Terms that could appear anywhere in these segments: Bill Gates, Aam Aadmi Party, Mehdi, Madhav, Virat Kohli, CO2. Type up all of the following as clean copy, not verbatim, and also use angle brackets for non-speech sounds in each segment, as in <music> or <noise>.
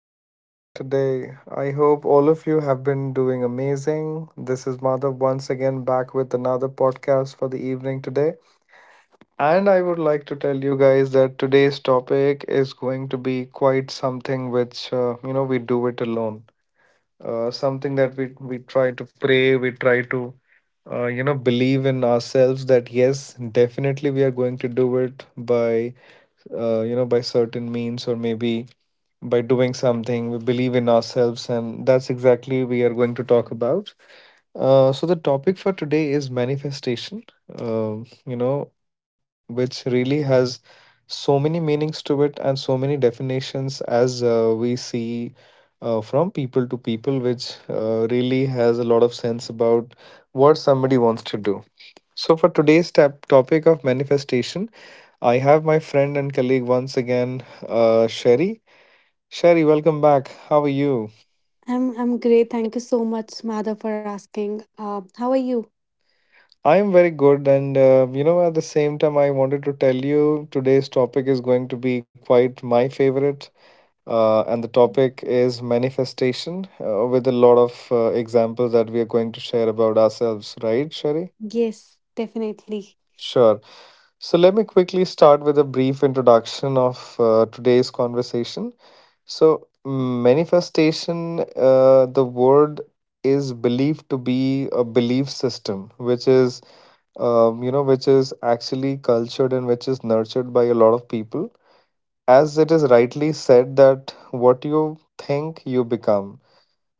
How are you doing today? I hope all of you have been doing amazing. This is Madhav once again back with another podcast for the evening today. And I would like to tell you guys that today's topic is going to be quite something which, we do it alone. Something that we try to pray, we try to, believe in ourselves that yes, definitely we are going to do it by by certain means, or maybe by doing something. We believe in ourselves, and that's exactly we are going to talk about. So the topic for today is manifestation. Which really has so many meanings to it and so many definitions as we see from people to people, which really has a lot of sense about what somebody wants to do. So for today's topic of manifestation, I have my friend and colleague once again, Sherry. Sherry, welcome back. How are you? I'm great. Thank you so much, Madhav, for asking. How are you? I am very good, and at the same time, I wanted to tell you today's topic is going to be quite my favorite, and the topic is manifestation, with a lot of examples that we are going to share about ourselves, right, Sherry? Yes, definitely. Sure. So let me quickly start with a brief introduction of today's conversation. So, manifestation, the word is believed to be a belief system, which is, which is actually cultured and which is nurtured by a lot of people. As it is rightly said, that what you think, you become.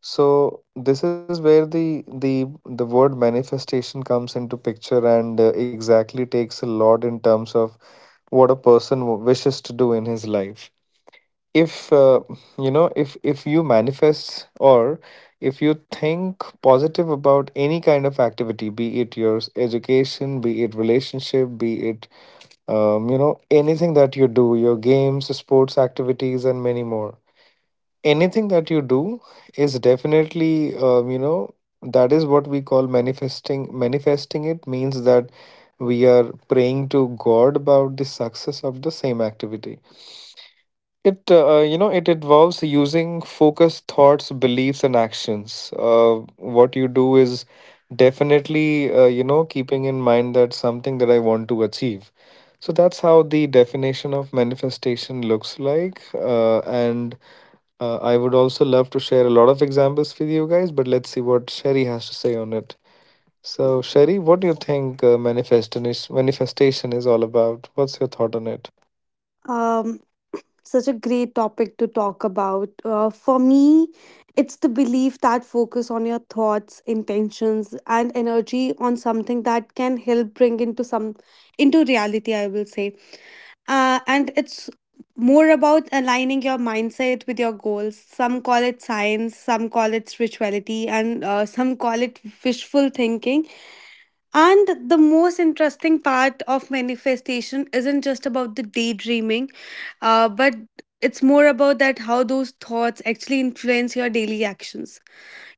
So this is where the word manifestation comes into picture, and exactly takes a lot in terms of what a person wishes to do in his life. If if if you manifest, or if you think positive about any kind of activity, be it your education, be it relationship, be it anything that you do, your games, sports activities, and many more, anything that you do is definitely, that is what we call manifesting. Manifesting, it means that we are praying to God about the success of the same activity. It it involves using focused thoughts, beliefs, and actions. What you do is definitely, keeping in mind that something that I want to achieve. So that's how the definition of manifestation looks like. And I would also love to share a lot of examples with you guys, but let's see what Sherry has to say on it. So Sherry, what do you think manifestation is, manifestation is all about? What's your thought on it? Um, such a great topic to talk about. For me, it's the belief that focus on your thoughts, intentions, and energy on something that can help bring into some into reality, I will say, and it's more about aligning your mindset with your goals. Some call it science, some call it spirituality, and some call it wishful thinking. And the most interesting part of manifestation isn't just about the daydreaming, but it's more about that how those thoughts actually influence your daily actions.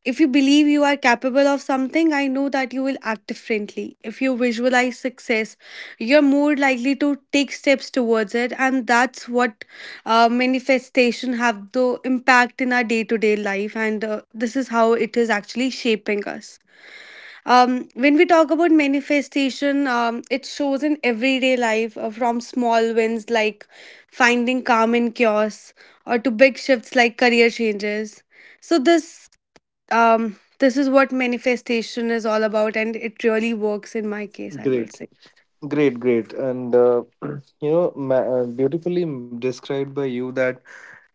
If you believe you are capable of something, I know that you will act differently. If you visualize success, you're more likely to take steps towards it, and that's what manifestation have the impact in our day-to-day life, and this is how it is actually shaping us. When we talk about manifestation, it shows in everyday life from small wins like finding calm in chaos or to big shifts like career changes. So this is what manifestation is all about, and it really works in my case, I will Great. say. Great, great, and <clears throat> you know, beautifully described by you that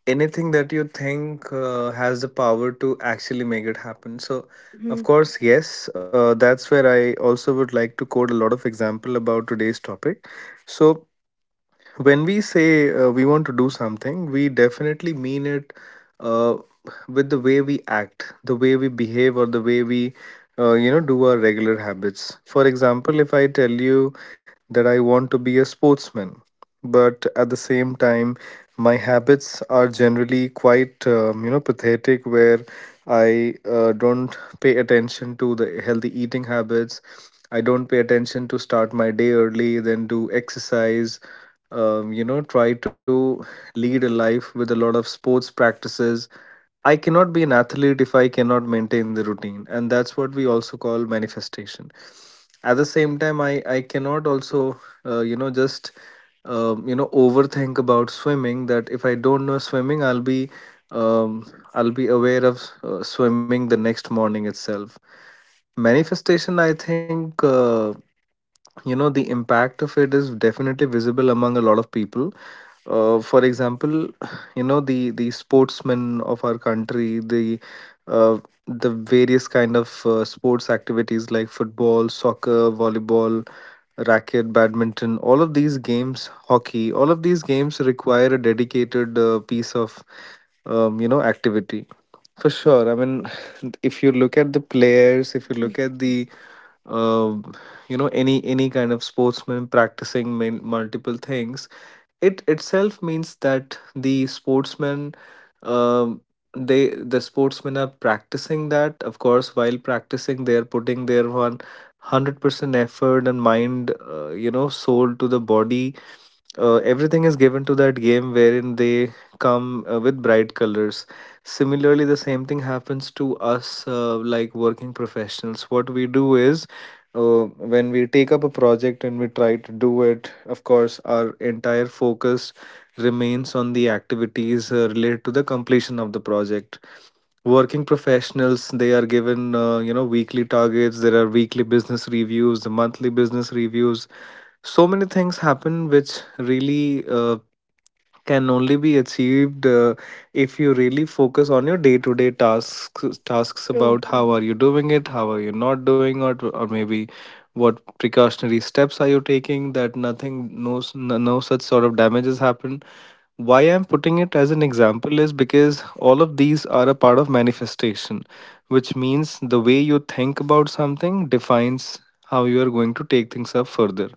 anything that you think has the power to actually make it happen. So, Mhm. of course, yes, that's where I also would like to quote a lot of example about today's topic. So, when we say we want to do something, we definitely mean it, uh, with the way we act, the way we behave, or the way we, do our regular habits. For example, if I tell you that I want to be a sportsman, but at the same time, my habits are generally quite, pathetic, where I don't pay attention to the healthy eating habits. I don't pay attention to start my day early, then do exercise. Try to lead a life with a lot of sports practices. I cannot be an athlete if I cannot maintain the routine, and that's what we also call manifestation. At the same time, I cannot also, just overthink about swimming, that if I don't know swimming, I'll be, um, I'll be aware of swimming the next morning itself. Manifestation, I think, the impact of it is definitely visible among a lot of people. For example, <sighs> you know, the sportsmen of our country, uh, the various kind of sports activities like football, soccer, volleyball, racket, badminton, all of these games, hockey, all of these games require a dedicated piece of activity for sure. I mean, <laughs> if you look at the players, if you look Yes, at the, uh, any kind of sportsman practicing multiple things, it itself means that the sportsmen, um, they, the sportsmen are practicing that. Of course, while practicing, they are putting their 100% effort and mind, soul to the body. Everything is given to that game, wherein they come with bright colors. Similarly, the same thing happens to us, like working professionals. What we do is, uh, when we take up a project and we try to do it, of course, our entire focus remains on the activities related to the completion of the project. Working professionals, they are given, weekly targets. There are weekly business reviews, the monthly business reviews, so many things happen, which really can only be achieved if you really focus on your day-to-day tasks. Tasks true. about how are Mhm. you doing it, how are you not doing it, or maybe what precautionary steps are you taking, that nothing, no such sort of damages happen. Why I'm putting it as an example is because all of these are a part of manifestation, which means the way you think about something defines how you are going to take things up further.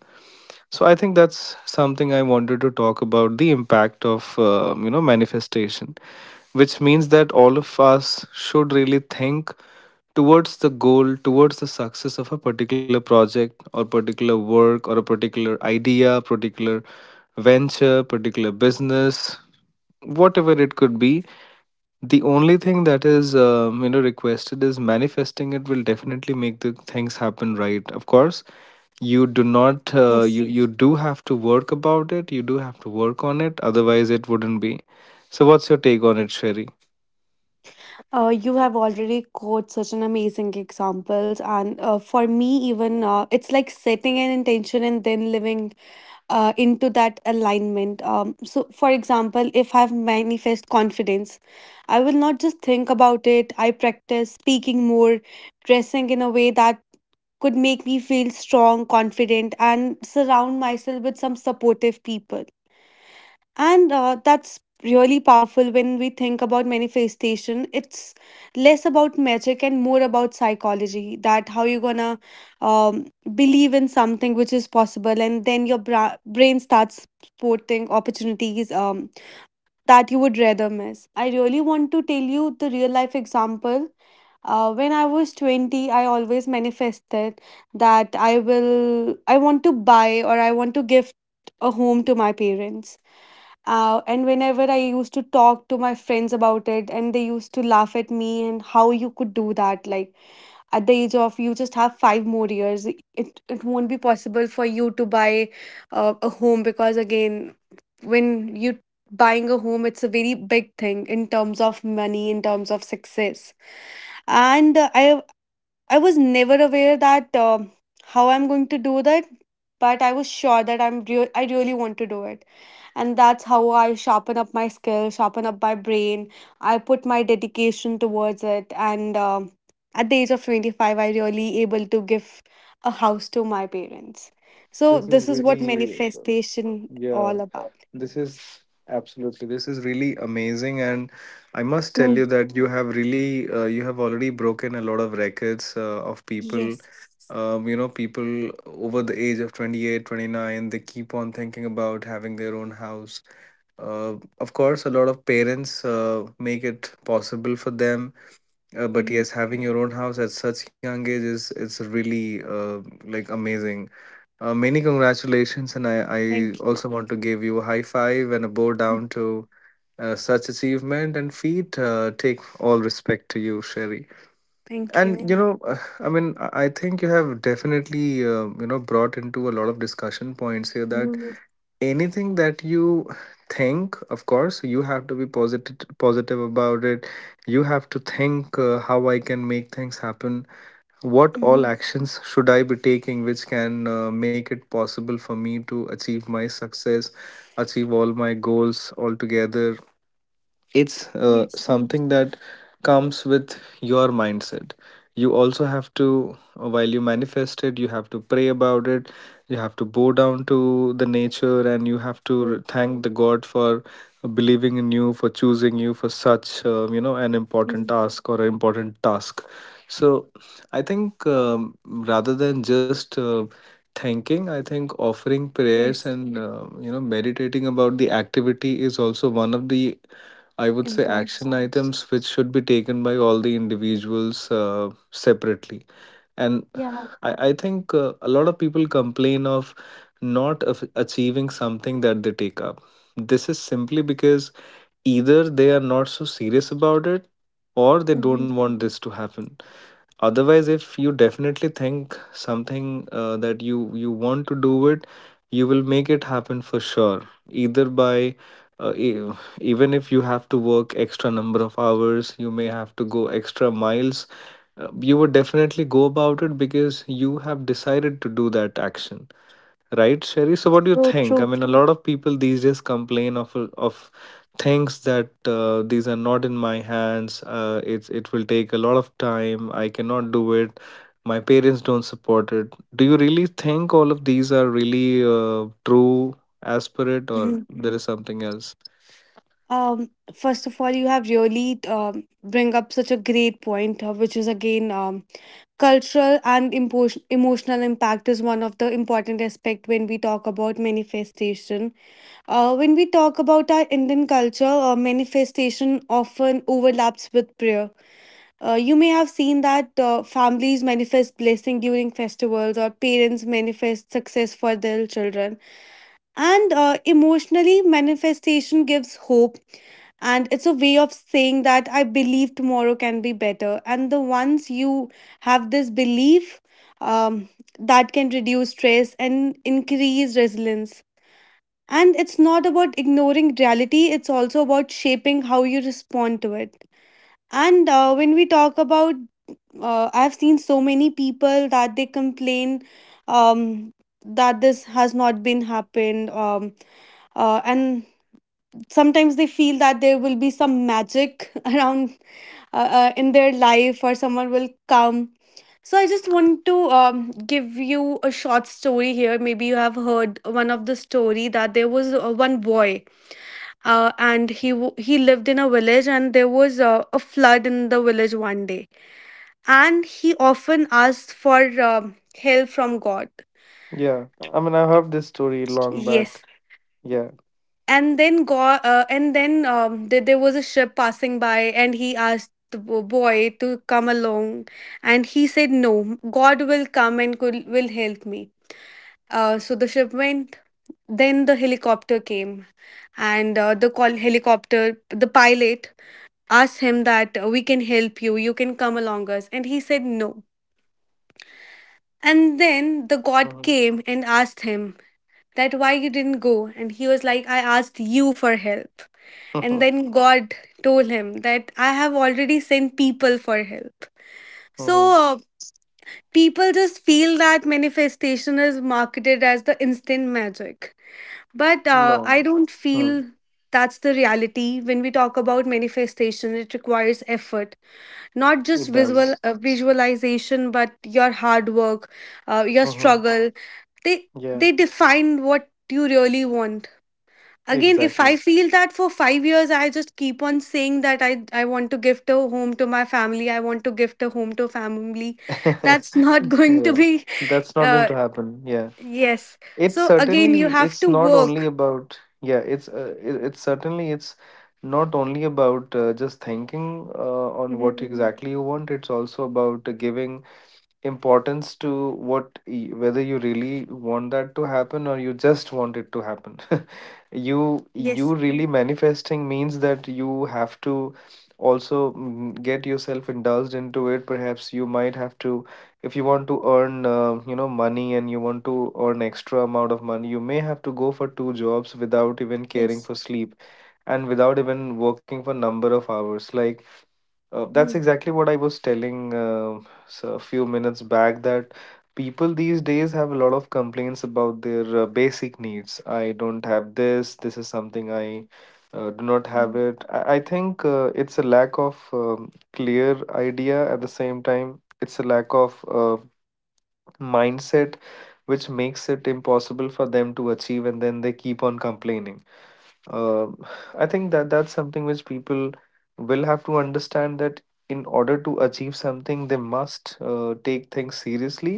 So I think that's something I wanted to talk about, the impact of manifestation, which means that all of us should really think towards the goal, towards the success of a particular project or particular work, or a particular idea, particular venture, particular business, whatever it could be. The only thing that is, requested is manifesting, it will definitely make the things happen, right. Of course, you do not, Yes. you do have to work about it, you do have to work on it, otherwise, it wouldn't be. So, what's your take on it, Sherry? You have already quoted such an amazing examples, and for me, even it's like setting an intention and then living into that alignment. So, for example, if I've manifest confidence, I will not just think about it. I practice speaking more, dressing in a way that could make me feel strong, confident, and surround myself with some supportive people. And that's really powerful. When we think about manifestation, it's less about magic and more about psychology, that how you're gonna um, believe in something which is possible, and then your brain starts sporting opportunities that you would rather miss. I really want to tell you the real life example. When I was 20, I always manifested that I want to buy or I want to gift a home to my parents, and whenever I used to talk to my friends about it, and they used to laugh at me and how you could do that. Like at the age of, you just have 5 more years, it won't be possible for you to buy a home because again, when you buying a home, it's a very big thing in terms of money, in terms of success. And I was never aware that how I'm going to do that, but I was sure that I really want to do it, and that's how I sharpen up my skill, sharpen up my brain. I put my dedication towards it. And at the age of 25, I really able to give a house to my parents. So This is this is what really, manifestation yeah, all about. this is, absolutely, this is really amazing, and I must tell Mm. you that you have really, you have already broken a lot of records of people. Yes. People over the age of 28, 29, they keep on thinking about having their own house. Of course, a lot of parents make it possible for them, but Mm. yes, having your own house at such young age is, it's really, like, amazing. Many congratulations, and I Thank you. also want to give you a high five and a bow Mm. down to such achievement and feat. Take all respect to you, Sherry. Thank And you. you know, <sighs> I mean, I think you have definitely, brought into a lot of discussion points here, that Mm. anything that you think, of course, you have to be positive, positive about it. You have to think how I can make things happen. What all Mhm. actions should I be taking, which can make it possible for me to achieve my success, achieve all my goals altogether? It's Yes. Mm. something that comes with your mindset. You also have to, while you manifest it, you have to pray about it. You have to bow down to the nature, and you have to True. thank the God for believing in you, for choosing you for such, an important Mm. task or an important task. So I think, rather than just thanking, I think offering prayers Yes. and meditating about the activity is also one of the, I would say, Important. action items which should be taken by all the individuals separately. And Yeah. I think a lot of people complain of not achieving something that they take up. This is simply because either they are not so serious about it, or they Mhm. don't want this to happen. Otherwise, if you definitely think something that you want to do it, you will make it happen for sure, either by, uh, e- even if you have to work extra number of hours, you may have to go extra miles, you would definitely go about it, because you have decided to do that action. Right, Sherry? So, what do you So think? I true. mean, a lot of people these days complain of things, that these are not in my hands. It's, it will take a lot of time. I cannot do it. My parents don't support it. Do you really think all of these are really true aspirate, or Mhm. there is something else? First of all, you have really bring up such a great point, which is again cultural and emotional impact is one of the important aspect when we talk about manifestation. When we talk about our Indian culture, manifestation often overlaps with prayer. You may have seen that families manifest blessing during festivals, or parents manifest success for their children. And emotionally, manifestation gives hope, and it's a way of saying that I believe tomorrow can be better. And the once you have this belief, um, that can reduce stress and increase resilience. And it's not about ignoring reality, it's also about shaping how you respond to it. And when we talk about, I've seen so many people that they complain um, that this has not been happened. And sometimes they feel that there will be some magic <laughs> around, in their life or someone will come. So I just want to give you a short story here. Maybe you have heard one of the story that there was one boy, and he lived in a village, and there was a flood in the village one day, and he often asked for um help from God. Yeah, I mean, I heard this story long back. Yes, Yeah. and then there was a ship passing by, and he asked the boy to come along, and he said, "No, God will come and will help me." So the ship went. Then the helicopter came, and the pilot asked him that we can help you, you can come along us, and he said no. And then the god Mm. came and asked him that why you didn't go, and he was like, I asked you for help. And then God told him that I have already sent people for help. So Hmm. uh, people just feel that manifestation is marketed as the instant magic. But <laughs> No, I don't mm, feel that's the reality. When we talk about manifestation, it requires effort, not it just does. Visualization, but your hard work, your Mm-hmm. struggle. They Yeah, they define what you really want. Again, if I exactly. feel that for 5 years I just keep on saying that I want to give a home to my family, I want to give a home to family, <laughs> that's not <laughs> going to Yeah, be. that's not going uh, to happen. Yeah, yes, it so again you certainly have it's to not only work. about, yeah, it's certainly it's not only about just thinking on what Mhm. exactly you want. It's also about giving importance to whether you really want that to happen or you just want it to happen. <laughs> you Yes, you really manifesting means that you have to also, mm, get yourself indulged into it. Perhaps you might have to, if you want to earn, money, and you want to earn extra amount of money, you may have to go for two jobs without even caring yes. for sleep, and without even working for number of hours, like, that's Mhm. exactly what I was telling, a few minutes back, that people these days have a lot of complaints about their basic needs. I don't have this, this is something I do not have it. I think it's a lack of clear idea. At the same time, it's a lack of mindset which makes it impossible for them to achieve, and then they keep on complaining. Um, <sighs> I think that's something which people will have to understand, that in order to achieve something, they must take things seriously,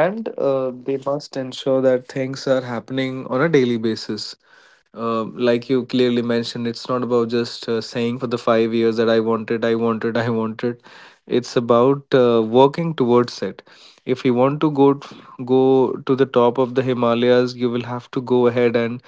and they must ensure that things are happening on a daily basis. Like you clearly mentioned, it's not about just saying for the 5 years that I want it, <laughs> I want it. It's about working towards it. If you want to go to the top of the Himalayas, you will have to go ahead and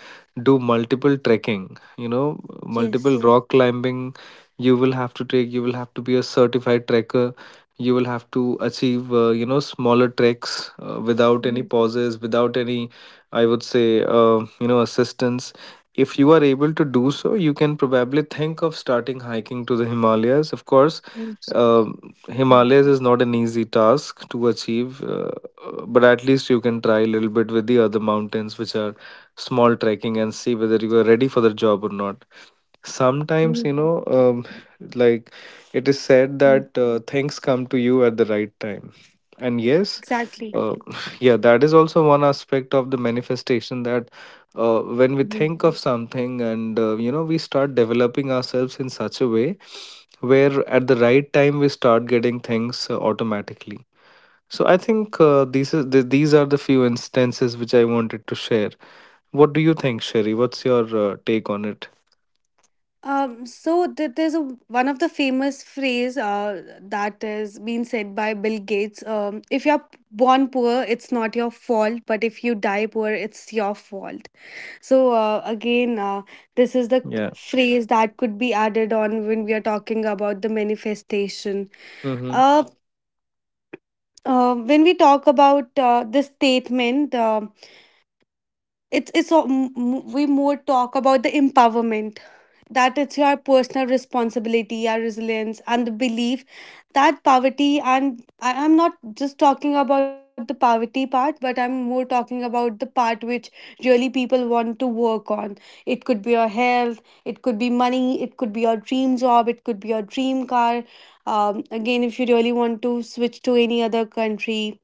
do multiple trekking. You know, multiple Yes. rock climbing. You will have to take. You will have to be a certified trekker. You will have to achieve, smaller treks without any Mhm. pauses, without any, I would say, assistance. If you are able to do so, you can probably think of starting hiking to the Himalayas. Of course, Mhm. Mhm. Himalayas is not an easy task to achieve, but at least you can try a little bit with the other mountains, which are small trekking, and see whether you are ready for the job or not. Sometimes, you know, like it is said Mhm. that things come to you at the right time. And yes, Exactly. uh, <laughs> yeah, that is also one aspect of the manifestation, that when we Mm-hmm. think of something, and we start developing ourselves in such a way where at the right time we start getting things automatically. So I think these are the few instances which I wanted to share. What do you think, Sherry? What's your take on it? So, there's a one of the famous phrase that is being said by Bill Gates. If you're born poor, it's not your fault, but if you die poor, it's your fault. So again, this is the Yeah. phrase that could be added on when we are talking about the manifestation. Uh, when we talk about this statement, it's a- m- m- we more talk about the empowerment, that it's your personal responsibility, your resilience, and the belief that poverty, and I'm not just talking about the poverty part, but I'm more talking about the part which really people want to work on. It could be your health, it could be money, it could be your dream job, it could be your dream car. Again, if you really want to switch to any other country,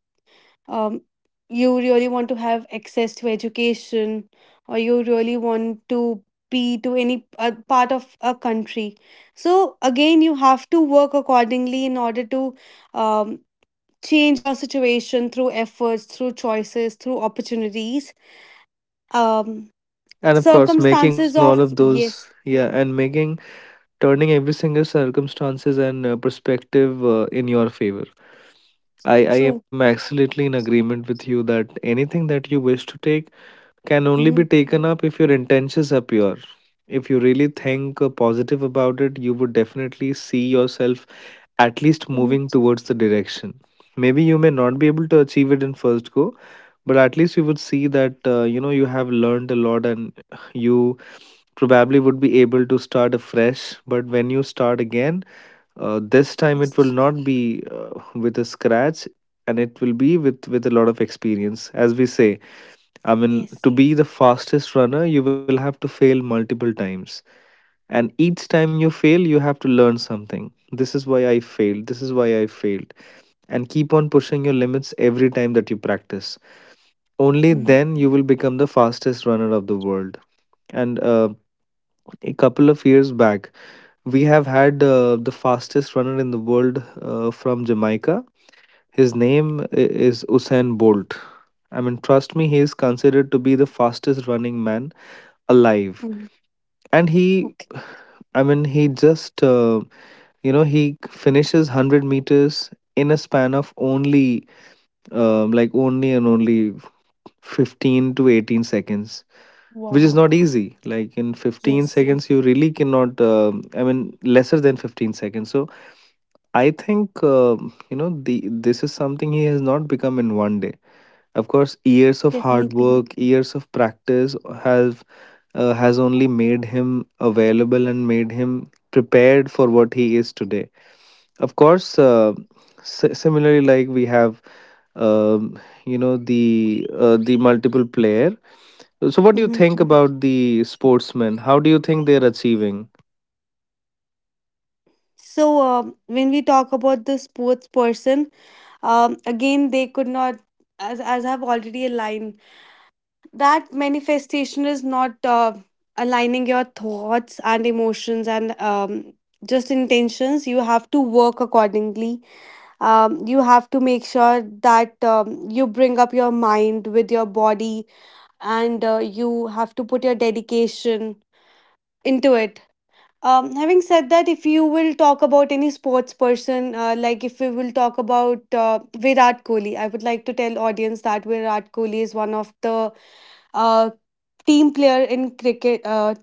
um, you really want to have access to education, or you really want to be to any part of a country. So again, you have to work accordingly in order to um, change your situation through efforts, through choices, through opportunities, um, And of course, making circumstances all of of, those, yes. yeah, and making, turning every single circumstances and perspective in your favor. I am True. absolutely in agreement with you that anything that you wish to take can only be Mhm. taken up if your intentions are pure. If you really think positive about it, you would definitely see yourself at least Mhm. moving towards the direction. Maybe you may not be able to achieve it in first go, but at least you would see that you have learned a lot, and you probably would be able to start afresh. But when you start again, this time Yes, it will not be with a scratch, and it will be with a lot of experience, as we say. I mean, to yes. be the fastest runner, you will have to fail multiple times. And each time you fail, you have to learn something. This is why I failed. This is why I failed. And keep on pushing your limits every time that you practice. Only Mhm. then you will become the fastest runner of the world. And a couple of years back, we have had the fastest runner in the world from Jamaica. His name is Usain Bolt. I mean, trust me, he is considered to be the fastest running man alive. Mm, And he, okay. I mean, he just, he finishes 100 meters in a span of only, only and only 15 to 18 seconds, which is Wow. not easy. Like, in 15 Yes, seconds you really cannot, I mean, lesser than 15 seconds. So I think, you know the this is something he has not become in one day. Of course, years of hard definitely. work, years of practice have has only made him available and made him prepared for what he is today. Of course, similarly, like, we have um the multiple player. So what do you Hmm. think about the sportsmen? How do you think they're achieving? So, when we talk about the sports person, again, they could not, as I've already aligned, that manifestation is not aligning your thoughts and emotions and just intentions. You have to work accordingly, you have to make sure that you bring up your mind with your body, and you have to put your dedication into it. Having said that, if you will talk about any sports person, like if we will talk about Virat Kohli, I would like to tell audience that Virat Kohli is one of the uh, team player in cricket. Uh,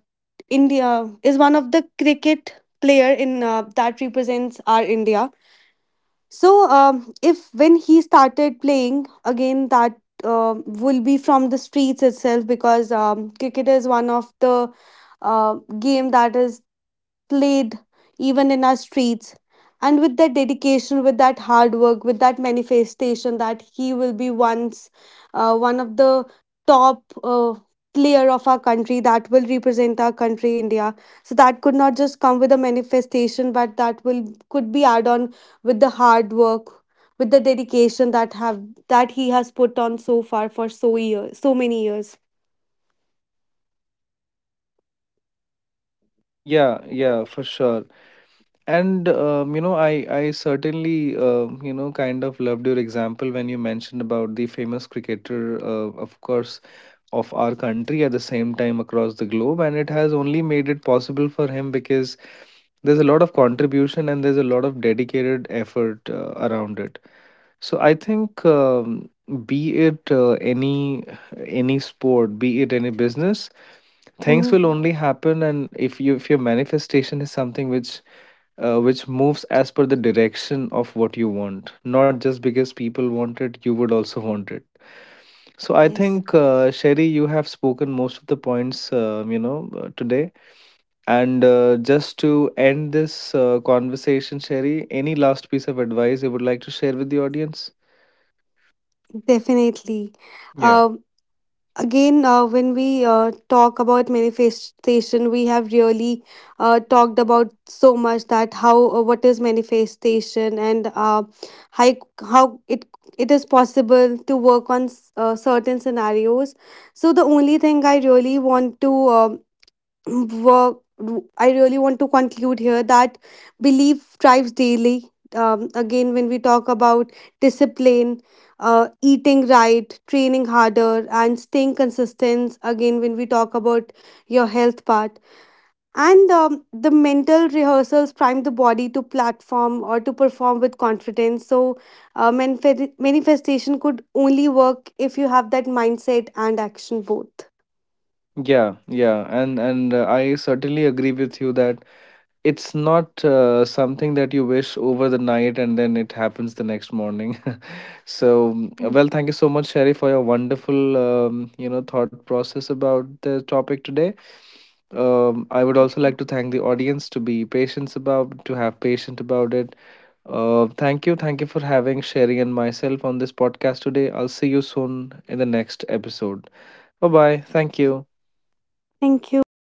India is one of the cricket player in that represents our India. So, if when he started playing again, that will be from the streets itself, because cricket is one of the uh, game that is played even in our streets. And with that dedication, with that hard work, with that manifestation, that he will be once one of the top player of our country that will represent our country, India. So that could not just come with a manifestation, but that will could be add on with the hard work, with the dedication that he has put on so far for so years, so many years. Yeah, yeah, for sure. And I certainly kind of loved your example when you mentioned about the famous cricketer, of course, of our country, at the same time across the globe, and it has only made it possible for him because there's a lot of contribution and there's a lot of dedicated effort around it. So I think be it any sport, be it any business, things Mm-hmm. will only happen, and if you, if your manifestation is something which moves as per the direction of what you want, not just because people want it, you would also want it. So I Yes, think, Sherry, you have spoken most of the points, today. And just to end this conversation, Sherry, any last piece of advice you would like to share with the audience? definitely. Yeah, Um, again, when we talk about manifestation, we have really talked about so much that how, what is manifestation, and how how it is possible to work on certain scenarios. So the only thing I really want to work I really want to conclude here, that belief drives daily. Again, when we talk about discipline, eating right, training harder, and staying consistent, again when we talk about your health part. And the mental rehearsals prime the body to platform or to perform with confidence. So manifestation could only work if you have that mindset and action both. yeah. And I certainly agree with you that it's not something that you wish over the night and then it happens the next morning. <laughs> So, mm, Mm, well, thank you so much, Sherry, for your wonderful, thought process about the topic today. I would thank also you. like to thank the audience to be patient about, to have patient about it. Thank you for having Sherry and myself on this podcast today. I'll see you soon in the next episode. Bye bye. Thank you. Thank you. Bye.